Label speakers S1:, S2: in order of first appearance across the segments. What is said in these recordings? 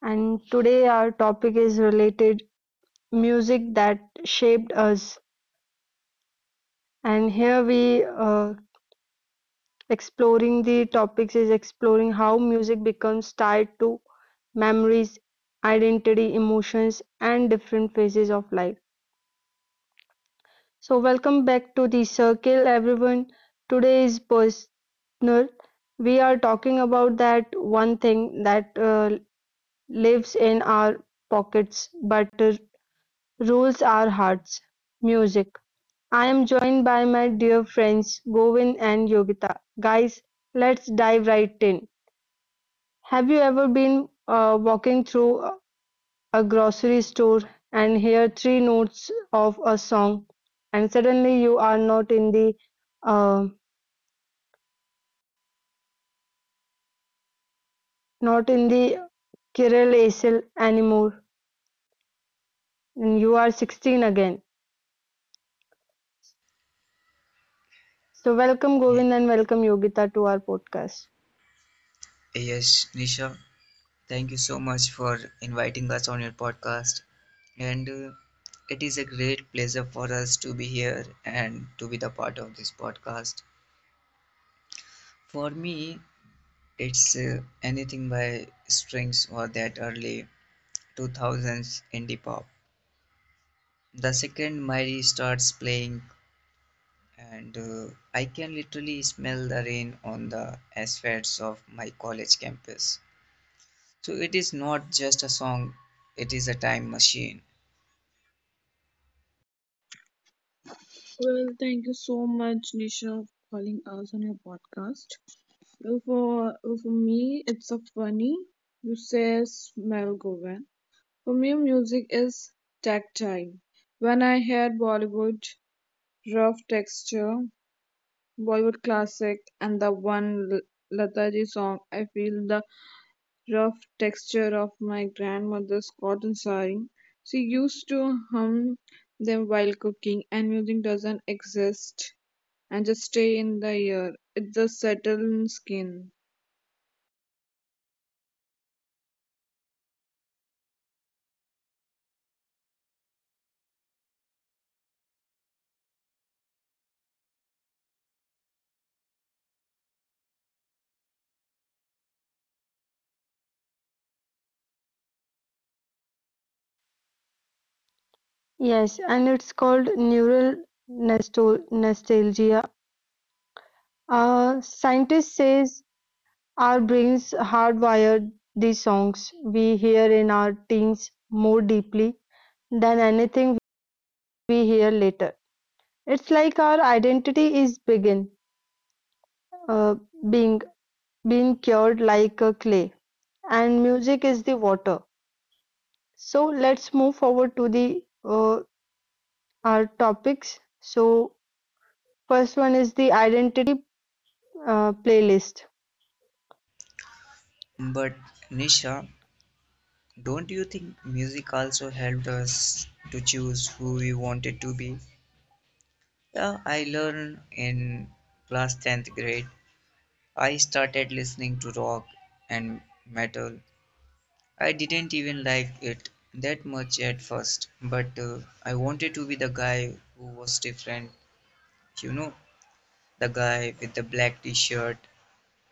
S1: And today, our topic is related music that shaped us. And here we exploring the topics is exploring how music becomes tied to memories, identity, emotions, and different phases of life. So, welcome back to the circle, everyone. Today is personal. We are talking about that one thing that lives in our pockets but rules our hearts. Music. I am joined by my dear friends Govin and Yogita. Guys, let's dive right in. Have you ever been walking through a grocery store and hear three notes of a song, and suddenly you are uh, not in the Kirill Asil anymore, and you are 16 again? So welcome
S2: Y-
S1: Govin and welcome Yogita to our podcast.
S2: Yes, Nisha, thank you so much for inviting us on your podcast. And it is a great pleasure for us to be here and to be the part of this podcast. For me, it's anything by Strings or that early 2000s indie pop. The second Mary starts playing, and I can literally smell the rain on the asphalts of my college campus. So it is not just a song, it is a time machine.
S3: Well, thank you so much, Nisha, for calling us on your podcast. For me, it's a funny. You say smell Govan. For me, music is tactile. When I hear Bollywood, rough texture, Bollywood classic, and the one Lata Ji song, I feel the rough texture of my grandmother's cotton sari. She used to hum them while cooking, and music doesn't exist and just stay in the air. It just settled in skin.
S1: Yes, and it's called nostalgia. Scientists says our brains hardwired these songs we hear in our teens more deeply than anything we hear later. It's like our identity is begin uh, being being cured like a clay, and music is the water. So let's move forward to the our topics. So first one is the identity playlist.
S2: But Nisha, don't you think music also helped us to choose who we wanted to be? Yeah, I learned in class 10th grade. I started listening to rock and metal. I didn't even like it that much at first, but I wanted to be the guy who was different. You know, the guy with the black t shirt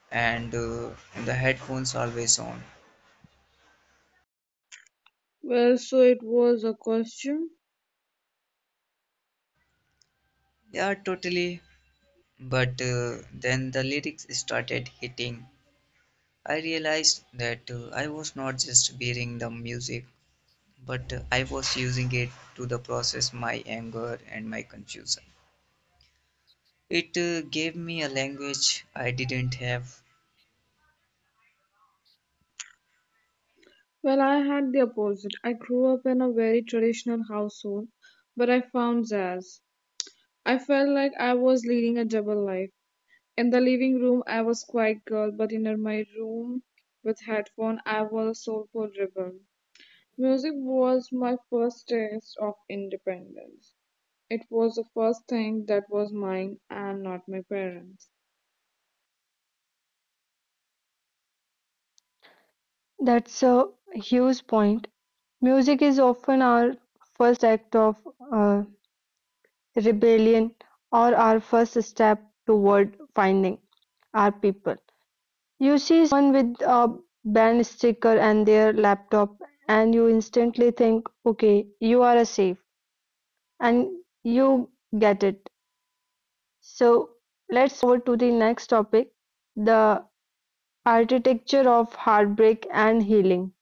S2: and the headphones always on.
S3: Well, so it was a costume.
S2: Yeah, totally. But then the lyrics started hitting. I realized that I was not just hearing the music, but I was using it to the process my anger and my confusion. It gave me a language I didn't have.
S3: Well, I had the opposite. I grew up in a very traditional household, but I found jazz. I felt like I was leading a double life. In the living room, I was quiet girl, but in my room with headphone, I was a soulful rebel. Music was my first taste of independence. It was the first thing that was mine and not my parents.
S1: That's a huge point. Music is often our first act of uh, rebellion or our first step toward finding our people. You see someone with a band sticker and their laptop, and you instantly think, okay, you are safe, and you get it. So let's forward to the next topic, the architecture of heartbreak and healing.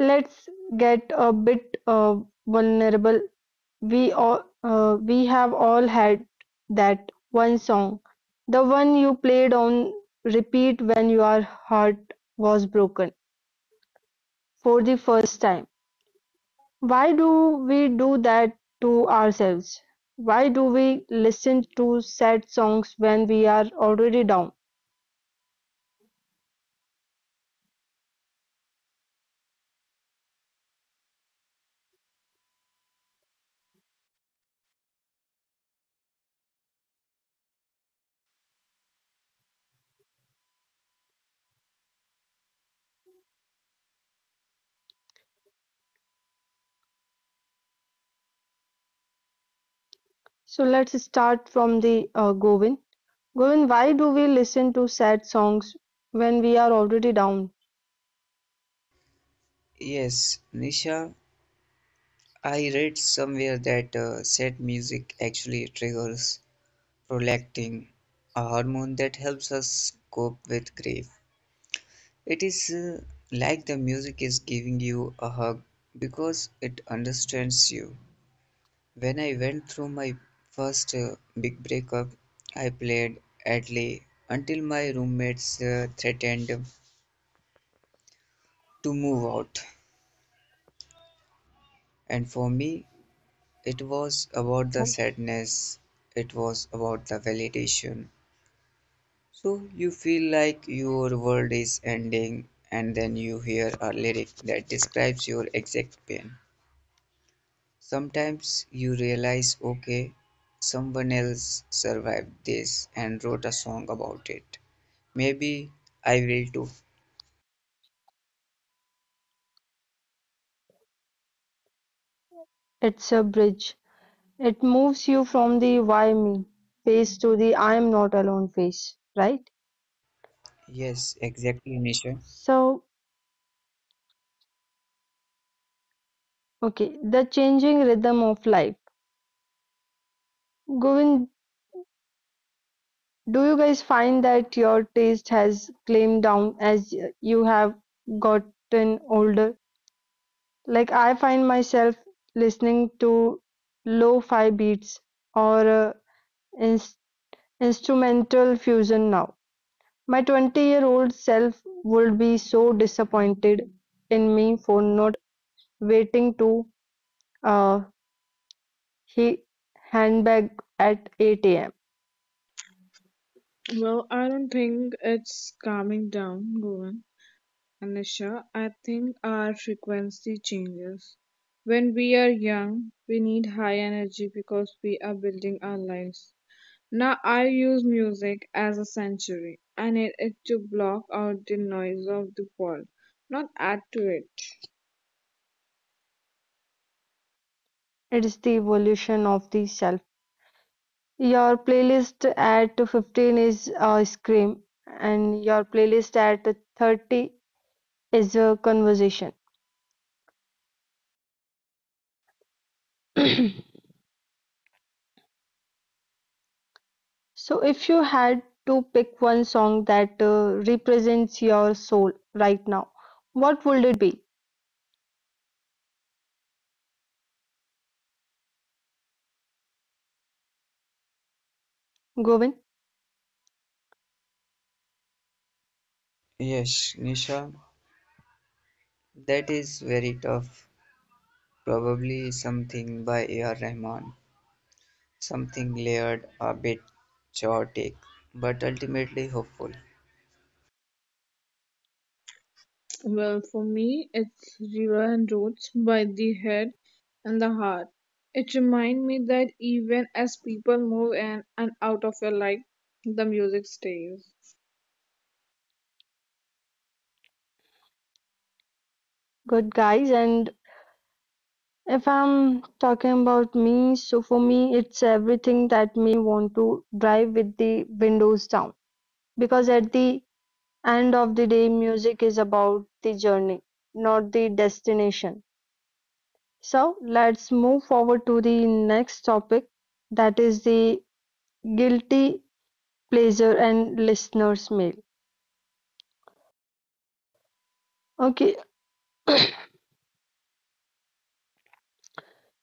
S1: Let's get a bit vulnerable. We have all had that one song, the one you played on repeat when your heart was broken for the first time. Why do we do that to ourselves? Why do we listen to sad songs when we are already down? So let's start from the Govin. Govin, why do we listen to sad songs when we are already down?
S2: Yes, Nisha, I read somewhere that sad music actually triggers prolactin, a hormone that helps us cope with grief. It is like the music is giving you a hug because it understands you. When I went through my first big breakup, I played Adley until my roommates threatened to move out. And for me, it was about the sadness, it was about the validation. So you feel like your world is ending, and then you hear a lyric that describes your exact pain. Sometimes you realize, okay, someone else survived this and wrote a song about it. Maybe I will too.
S1: It's a bridge. It moves you from the why me phase to the I am not alone phase, right?
S2: Yes, exactly, Nisha.
S1: So, okay, the changing rhythm of life. Govind, do you guys find that your taste has claimed down as you have gotten older? Like, I find myself listening to lo fi beats or ins- instrumental fusion now. My 20-year-old self would be so disappointed in me for not waiting to uh, he handbag at 8 a.m.
S3: Well, I don't think it's calming down, Govan and Nisha. I think our frequency changes. When we are young, we need high energy because we are building our lives. Now, I use music as a sanctuary. I need it to block out the noise of the world, not add to it.
S1: It's the evolution of the self. Your playlist at 15 is a scream, and your playlist at 30 is a conversation. So, if you had to pick one song that represents your soul right now, what would it be? Govind,
S2: Yes, Nisha, that is very tough. Probably something by A.R. Rahman, something layered, a bit chaotic, but ultimately hopeful.
S3: Well, for me, it's River and Roads by the Head and the Heart. It reminds me that even as people move in and out of your life, the music stays.
S1: good guys, and if I'm talking about me, so for me, it's everything that want to drive with the windows down. Because at the end of the day, music is about the journey, not the destination. So let's move forward to the next topic, that is the guilty pleasure and listeners mail. Okay,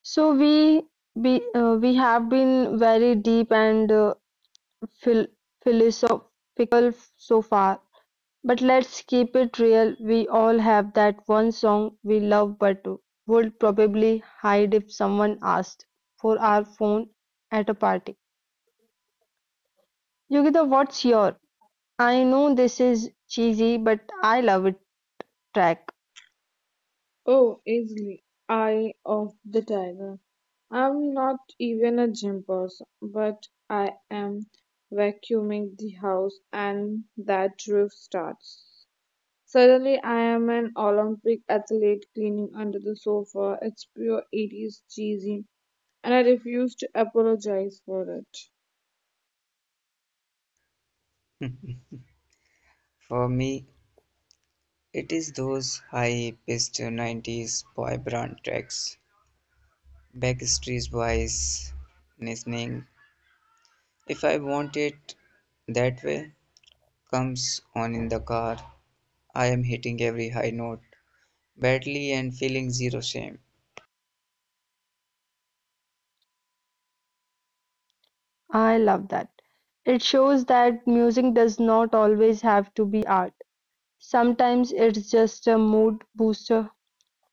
S1: so we have been very deep and phil philosophical so far. But let's keep it real, we all have that one song we love but would probably hide if someone asked for our phone at a party. Yogita, what's your? I know this is cheesy, but I love it track.
S3: Oh, easily, Eye of the Tiger. I'm not even a gym person, but I am vacuuming the house and that drift starts. Suddenly, I am an Olympic athlete cleaning under the sofa. It's pure 80s cheesy and I refuse to apologize for it.
S2: For me, it is those high pitched 90s boy band tracks Backstreet Boys listening. If I want it that way comes on in the car, I am hitting every high note badly and feeling zero shame.
S1: I love that. It shows that music does not always have to be art. Sometimes it's just a mood booster.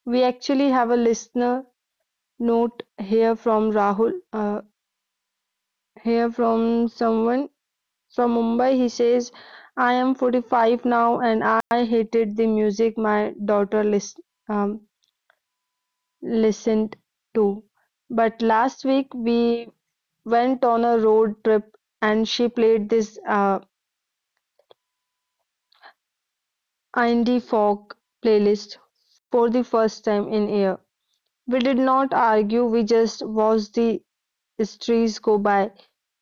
S1: We actually have a listener note here from Rahul, here from someone from Mumbai, he says, I am 45 now and I hated the music my daughter um, listened to. But last week we went on a road trip and she played this indie folk playlist for the first time in year. We did not argue, we just watched the streets go by.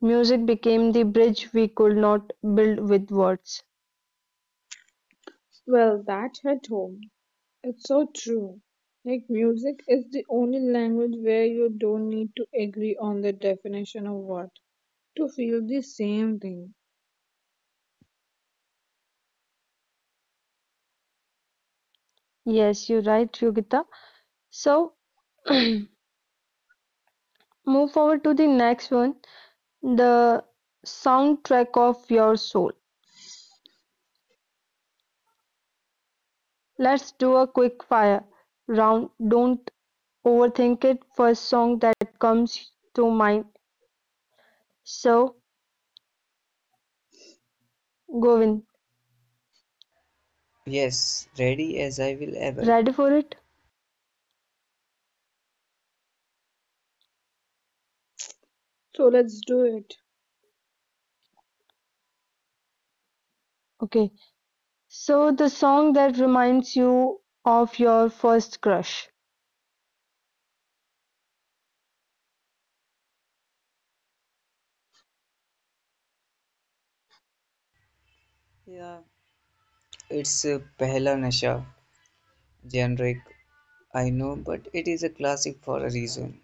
S1: Music became the bridge we could not build with words.
S3: Well, that hit home. It's so true. Like, music is the only language where you don't need to agree on the definition of what to feel the same thing.
S1: Yes, you're right, Yogita. So, move forward to the next one, the soundtrack of your soul. Let's do a quick fire round, don't overthink it, first song that comes to mind. So Govin,
S2: Yes, ready as I will ever.
S1: ready for it?
S3: So, let's do it.
S1: Okay, so the song that reminds you of your first crush.
S2: Yeah, it's Pehla Nasha, generic, I know, but it is a classic for a reason.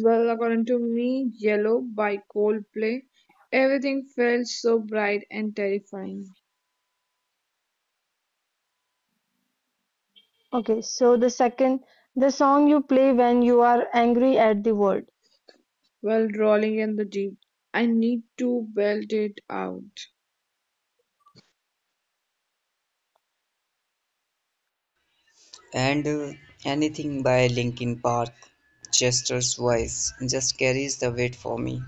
S3: Well, according to me, Yellow by Coldplay, everything felt so bright and terrifying.
S1: Okay, so the second, the song you play when you are angry at the world.
S3: Well, rolling in the deep, I need to belt it out.
S2: And anything by Linkin Park, Chester's voice, just carries the weight for me.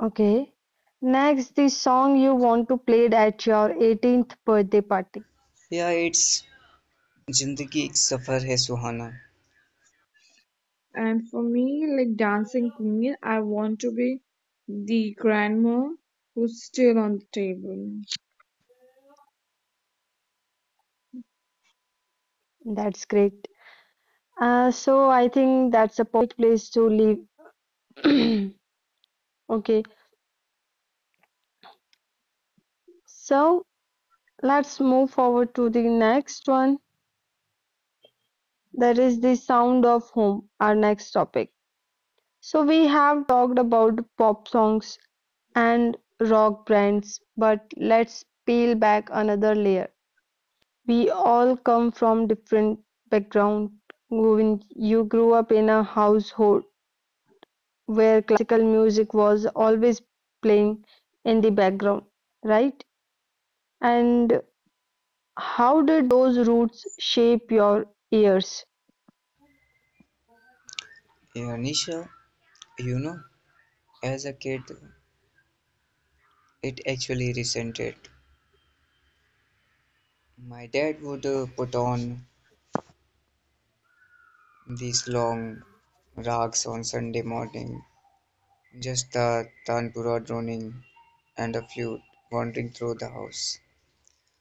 S1: Okay, next, the song you want to play at your 18th birthday party.
S2: Yeah, it's Zindagi Ek Safar Hai Suhana.
S3: And for me, like dancing queen, I want to be the grandma who's still on the table.
S1: That's great. So I think that's a perfect place to leave. Okay, so let's move forward to the next one. That is the sound of home, our next topic. So we have talked about pop songs and rock brands, but let's peel back another layer. We all come from different background. When you grew up in a household where classical music was always playing in the background, right? And how did those roots shape your ears?
S2: Nisha, you know, as a kid, it actually resented. My dad would put on these long rags on Sunday morning, just the tanpura droning and a flute wandering through the house.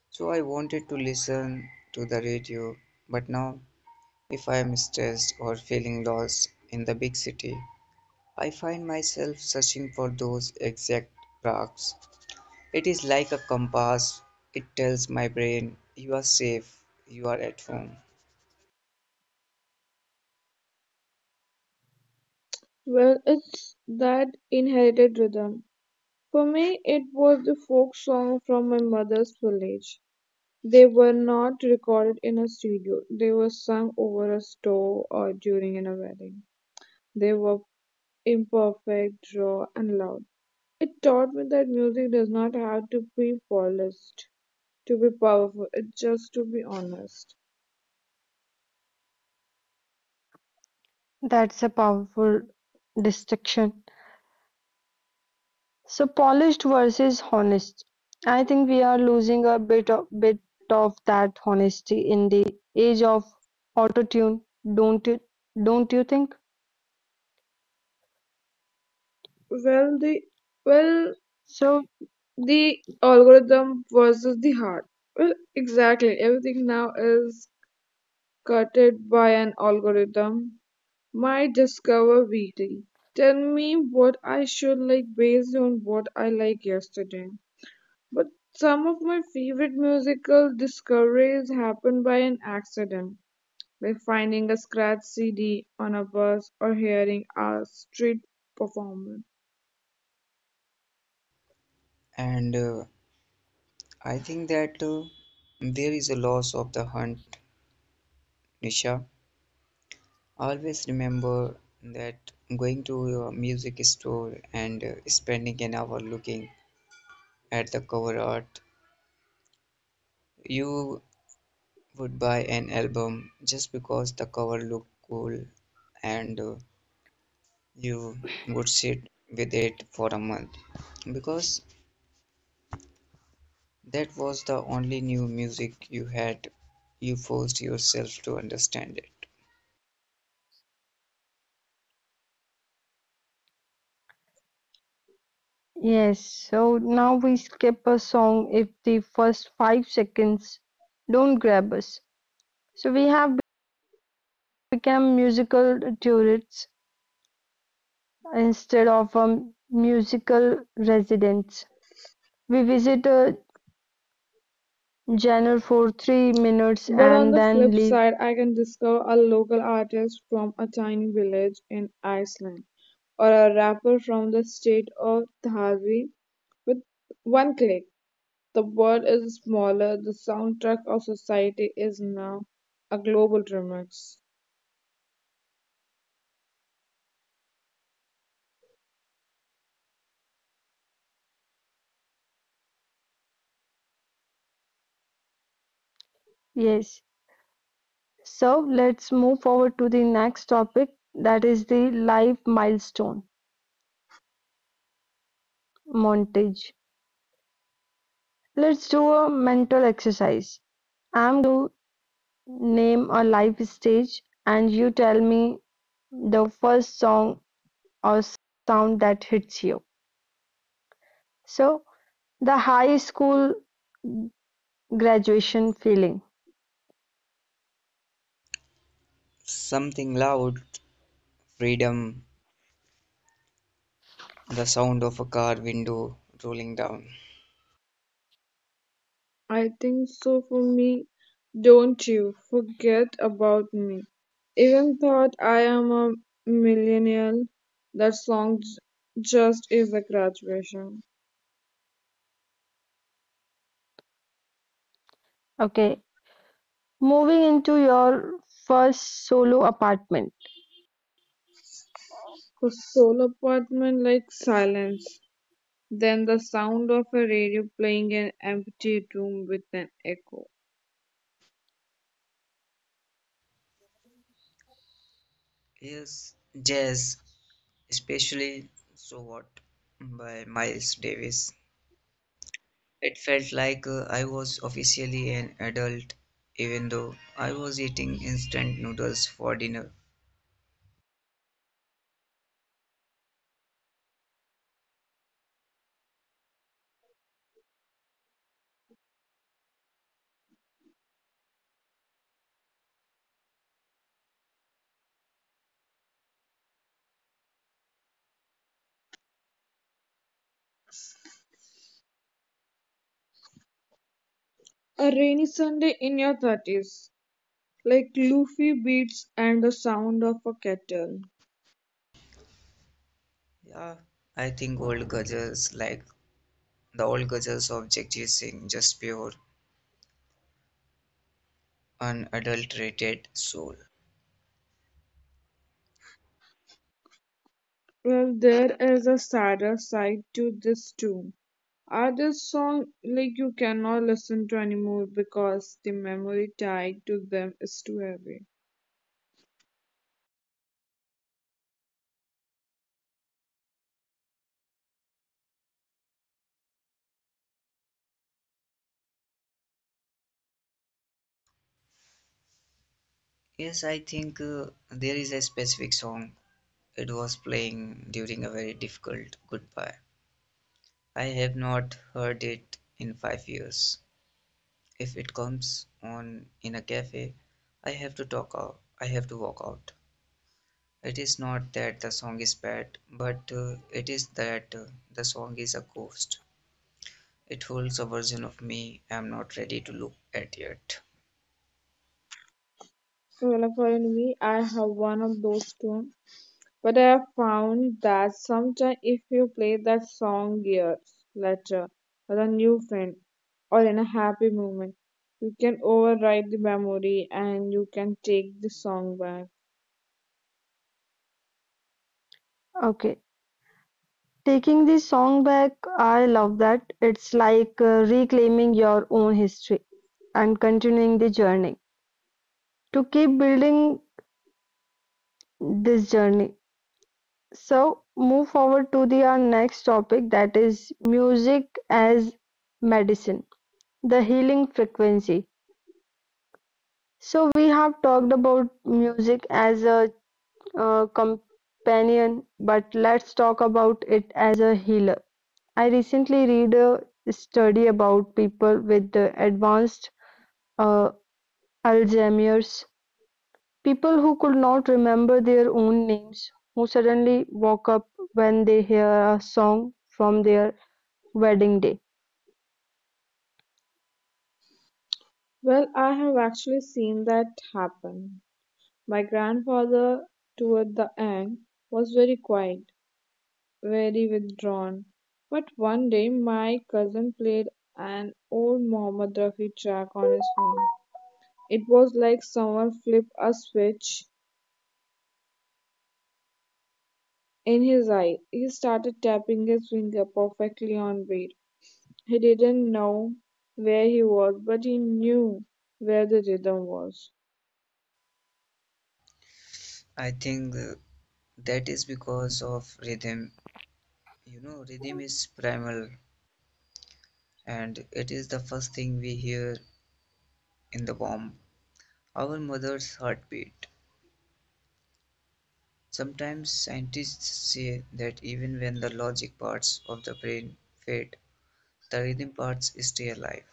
S2: So I wanted to listen to the radio, but now, if I am stressed or feeling lost in the big city, I find myself searching for those exact rags. It is like a compass. It tells my brain, you are safe, you are at home.
S3: Well, it's that inherited rhythm. For me, it was the folk song from my mother's village. They were not recorded in a studio, they were sung over a stove or during in a wedding. They were imperfect, raw, and loud. It taught me that music does not have to be polished to be powerful, it's just to be honest.
S1: That's a powerful distinction. So polished versus honest. I think we are losing a bit of that honesty in the age of autotune, don't you don't you think?
S3: Well, the well,
S1: So
S3: the algorithm versus the heart. Well, exactly. Everything now is cutted by an algorithm. My discover weekly. Tell me what I should like based on what I like yesterday. But some of my favorite musical discoveries happen by an accident, like finding a scratch CD on a bus or hearing a street performance.
S2: And I think that there is a loss of the hunt, Nisha. Always remember that going to a music store and spending an hour looking at the cover art, you would buy an album just because the cover looked cool and you would sit with it for a month because that was the only new music you had. You forced yourself to understand it.
S1: yes, so now we skip a song if the first 5 seconds don't grab us. So we have become musical tourists instead of musical residents. We visit a genre for 3 minutes
S3: But on
S1: and
S3: the
S1: then
S3: flip
S1: leave.
S3: side, I can discover a local artist from a tiny village in Iceland or a rapper from the state of Dhabi with one click. The world is smaller, the soundtrack of society is now a global remix.
S1: Yes, so let's move forward to the next topic, that is the life milestone montage. Let's do a mental exercise. I'm going to name a live stage, and you tell me the first song or sound that hits you. So, the high school graduation feeling.
S2: Something loud, freedom, the sound of a car window rolling down.
S3: I think so for me. Don't you forget about me. Even thought I am a millennial, that song just is a graduation.
S1: Okay, moving into your first solo apartment.
S3: The solo apartment like silence, then the sound of a radio playing an empty room with an echo.
S2: Yes, jazz, especially So What by Miles Davis. It felt like I was officially an adult, even though I was eating instant noodles for dinner.
S3: A rainy Sunday in your thirties, like loofy beats and the sound of a kettle.
S2: Yeah, I think old gajars like the old gajars of Jagjit Singh, just pure unadulterated soul.
S3: Well, there is a sadder side to this too. Are there songs like you cannot listen to anymore because the memory tied to them is too heavy?
S2: Yes, I think there is a specific song. It was playing during a very difficult goodbye. I have not heard it in 5 years. If it comes on in a cafe, I have to talk out. I have to walk out. It is not that the song is bad, but it is that the song is a ghost. It holds a version of me I am not ready to look at yet.
S3: So, well, for me, I have one of those tunes. But I have found that sometimes if you play that song years later with a new friend or in a happy moment, you can override the memory and you can take the song back.
S1: Okay. Taking the song back, I love that. It's like reclaiming your own history and continuing the journey. To keep building this journey. So, move forward to the our next topic, that is music as medicine, the healing frequency. So, we have talked about music as a companion, but let's talk about it as a healer. I recently read a study about people with advanced uh, Alzheimer's, people who could not remember their own names, who suddenly woke up when they hear a song from their wedding day.
S3: Well, I have actually seen that happen. My grandfather, toward the end, was very quiet, very withdrawn. But one day, my cousin played an old Mohammed Rafi track on his phone. It was like someone flipped a switch in his eye. He started tapping his finger perfectly on beat. He didn't know where he was, but he knew where the rhythm was.
S2: I think that is because of rhythm. You know, rhythm is primal, and it is the first thing we hear in the womb, our mother's heartbeat. Sometimes scientists say that even when the logic parts of the brain fade, the rhythm parts stay alive.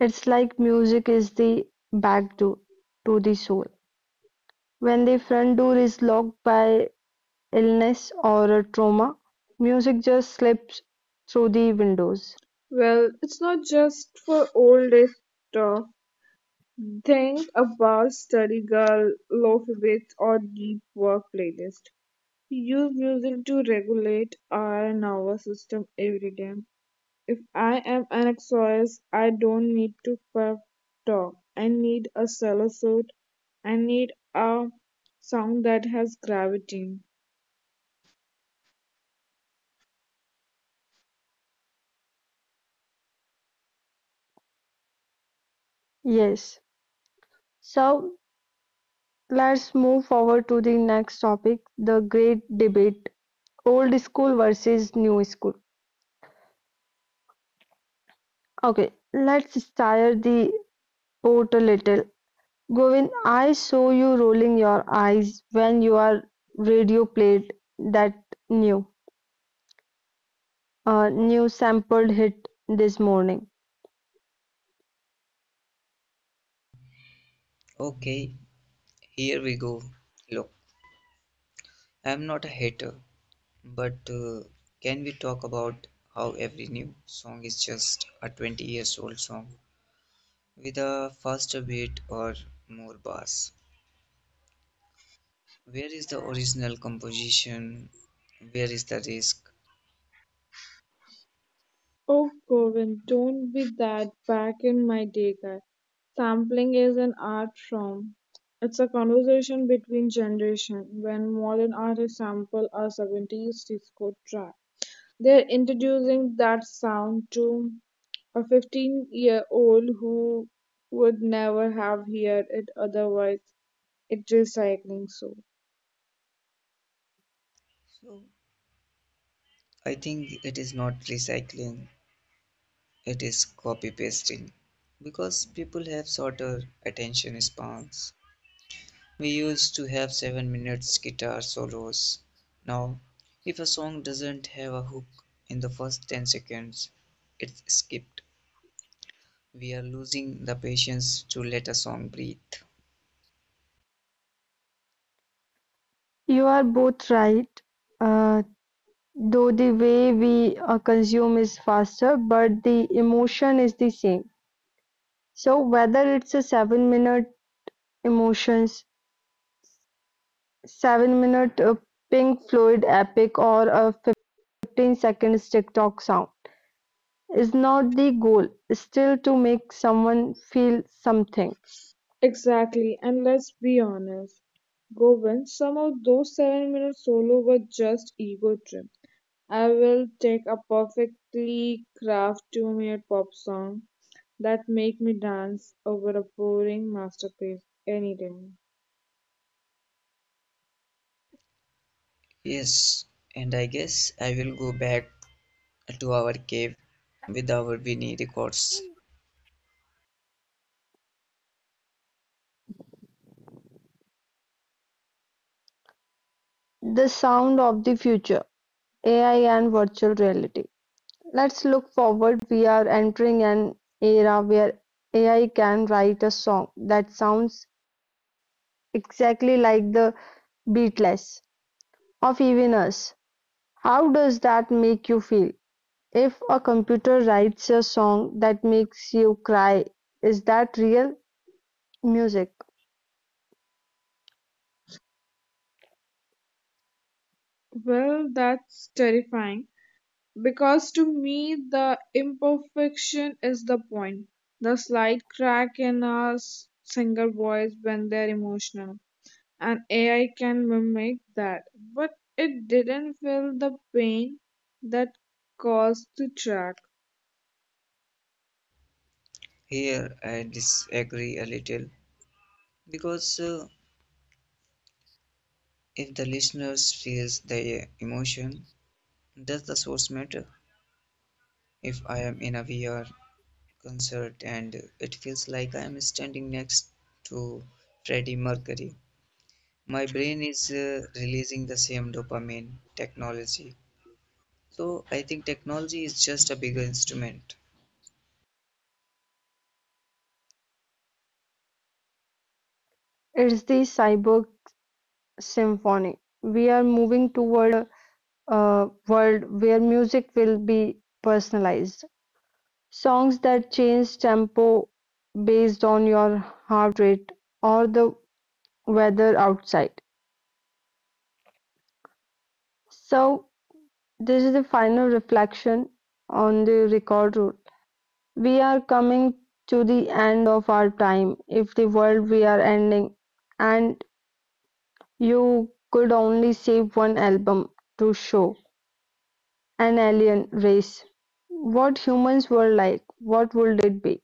S1: It's like music is the back door to the soul. When the front door is locked by illness or a trauma, music just slips through the windows.
S3: Well, it's not just for old day stuff. Think about study girl, lofi beats, or deep work playlist. We use music to regulate our nervous system every day. If I am anxious, I don't need to pep talk. I need a solo suit. I need a song that has gravity.
S1: Yes. So let's move forward to the next topic, the great debate, old school versus new school. Okay, let's stir the pot a little. Govind, I saw you rolling your eyes when your radio played that new, new sampled hit this morning.
S2: Okay, here we go. Look, I'm not a hater, but can we talk about how every new song is just a 20 years old song with a faster beat or more bass? Where is the original composition? Where is the risk?
S3: Oh, Govind, don't be that back in my day guy. Sampling is an art form. It's a conversation between generations. When modern artists sample a 70s disco track, they're introducing that sound to a 15-year-old who would never have heard it otherwise. It's just cycling so.
S2: So I think it is not recycling, it is copy pasting. Because people have shorter attention spans. We used to have 7 minutes guitar solos. Now, if a song doesn't have a hook in the first 10 seconds, it's skipped. We are losing the patience to let a song breathe.
S1: You are both right, uh, though the way we consume is faster, but the emotion is the same. So whether it's a seven-minute emotions seven-minute Pink Floyd epic or a 15-second TikTok sound, is not the goal, still, to make someone feel something.
S3: Exactly, and let's be honest, Govind, some of those 7 minutes solo were just ego trip. I will take a perfectly crafted 2 minute pop song that make me dance over a boring masterpiece any day.
S2: Yes, and I guess I will go back to our cave with our Winnie records.
S1: The sound of the future, AI and virtual reality. Let's look forward. We are entering an era where AI can write a song that sounds exactly like the Beatles, of even us. How does that make you feel? If a computer writes a song that makes you cry, is that real music?
S3: Well, that's terrifying. Because to me, the imperfection is the point. The slight crack in a singer voice when they're emotional. And AI can mimic that. But it didn't feel the pain that caused the track.
S2: Here I disagree a little because if the listeners feels the emotion, does the source matter? If I am in a VR concert and it feels like I am standing next to Freddie Mercury, my brain is releasing the same dopamine technology. So I think technology is just a bigger instrument.
S1: It's the cyborg symphony. We are moving toward a world where music will be personalized. Songs that change tempo based on your heart rate or the weather outside. So, this is the final reflection on the record route. We are coming to the end of our time. If the world we are ending, and you could only save one album to show an alien race what humans were like, what would it be?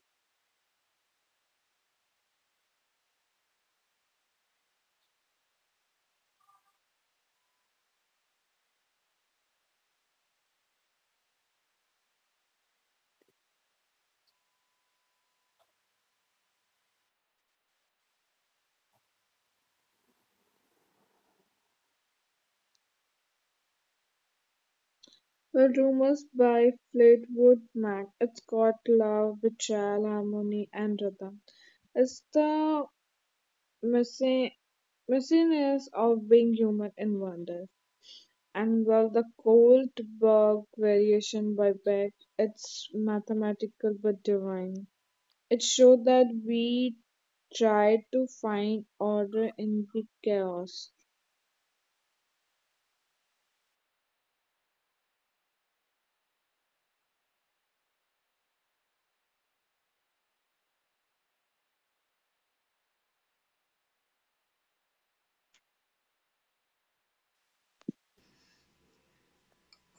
S3: The rumors by Fleetwood Mac. It's got love, betrayal, harmony, and rhythm. It's the messi- messiness of being human in wonder. And well, the Goldberg variation by Beck, it's mathematical but divine. It showed that we try to find order in the chaos.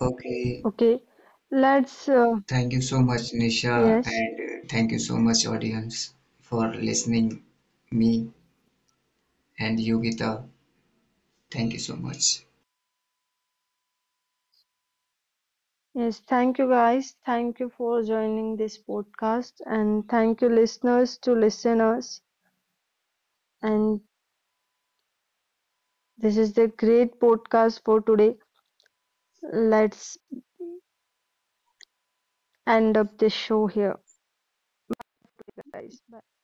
S2: Okay,
S1: Okay, let's,
S2: thank you so much, Nisha,
S1: yes,
S2: and thank you so much, audience, for listening me and Yogita. Thank you so much.
S1: yes, thank you guys. Thank you for joining this podcast and thank you listeners to listeners. And this is the great podcast for today. Let's end up this show here, guys. Bye.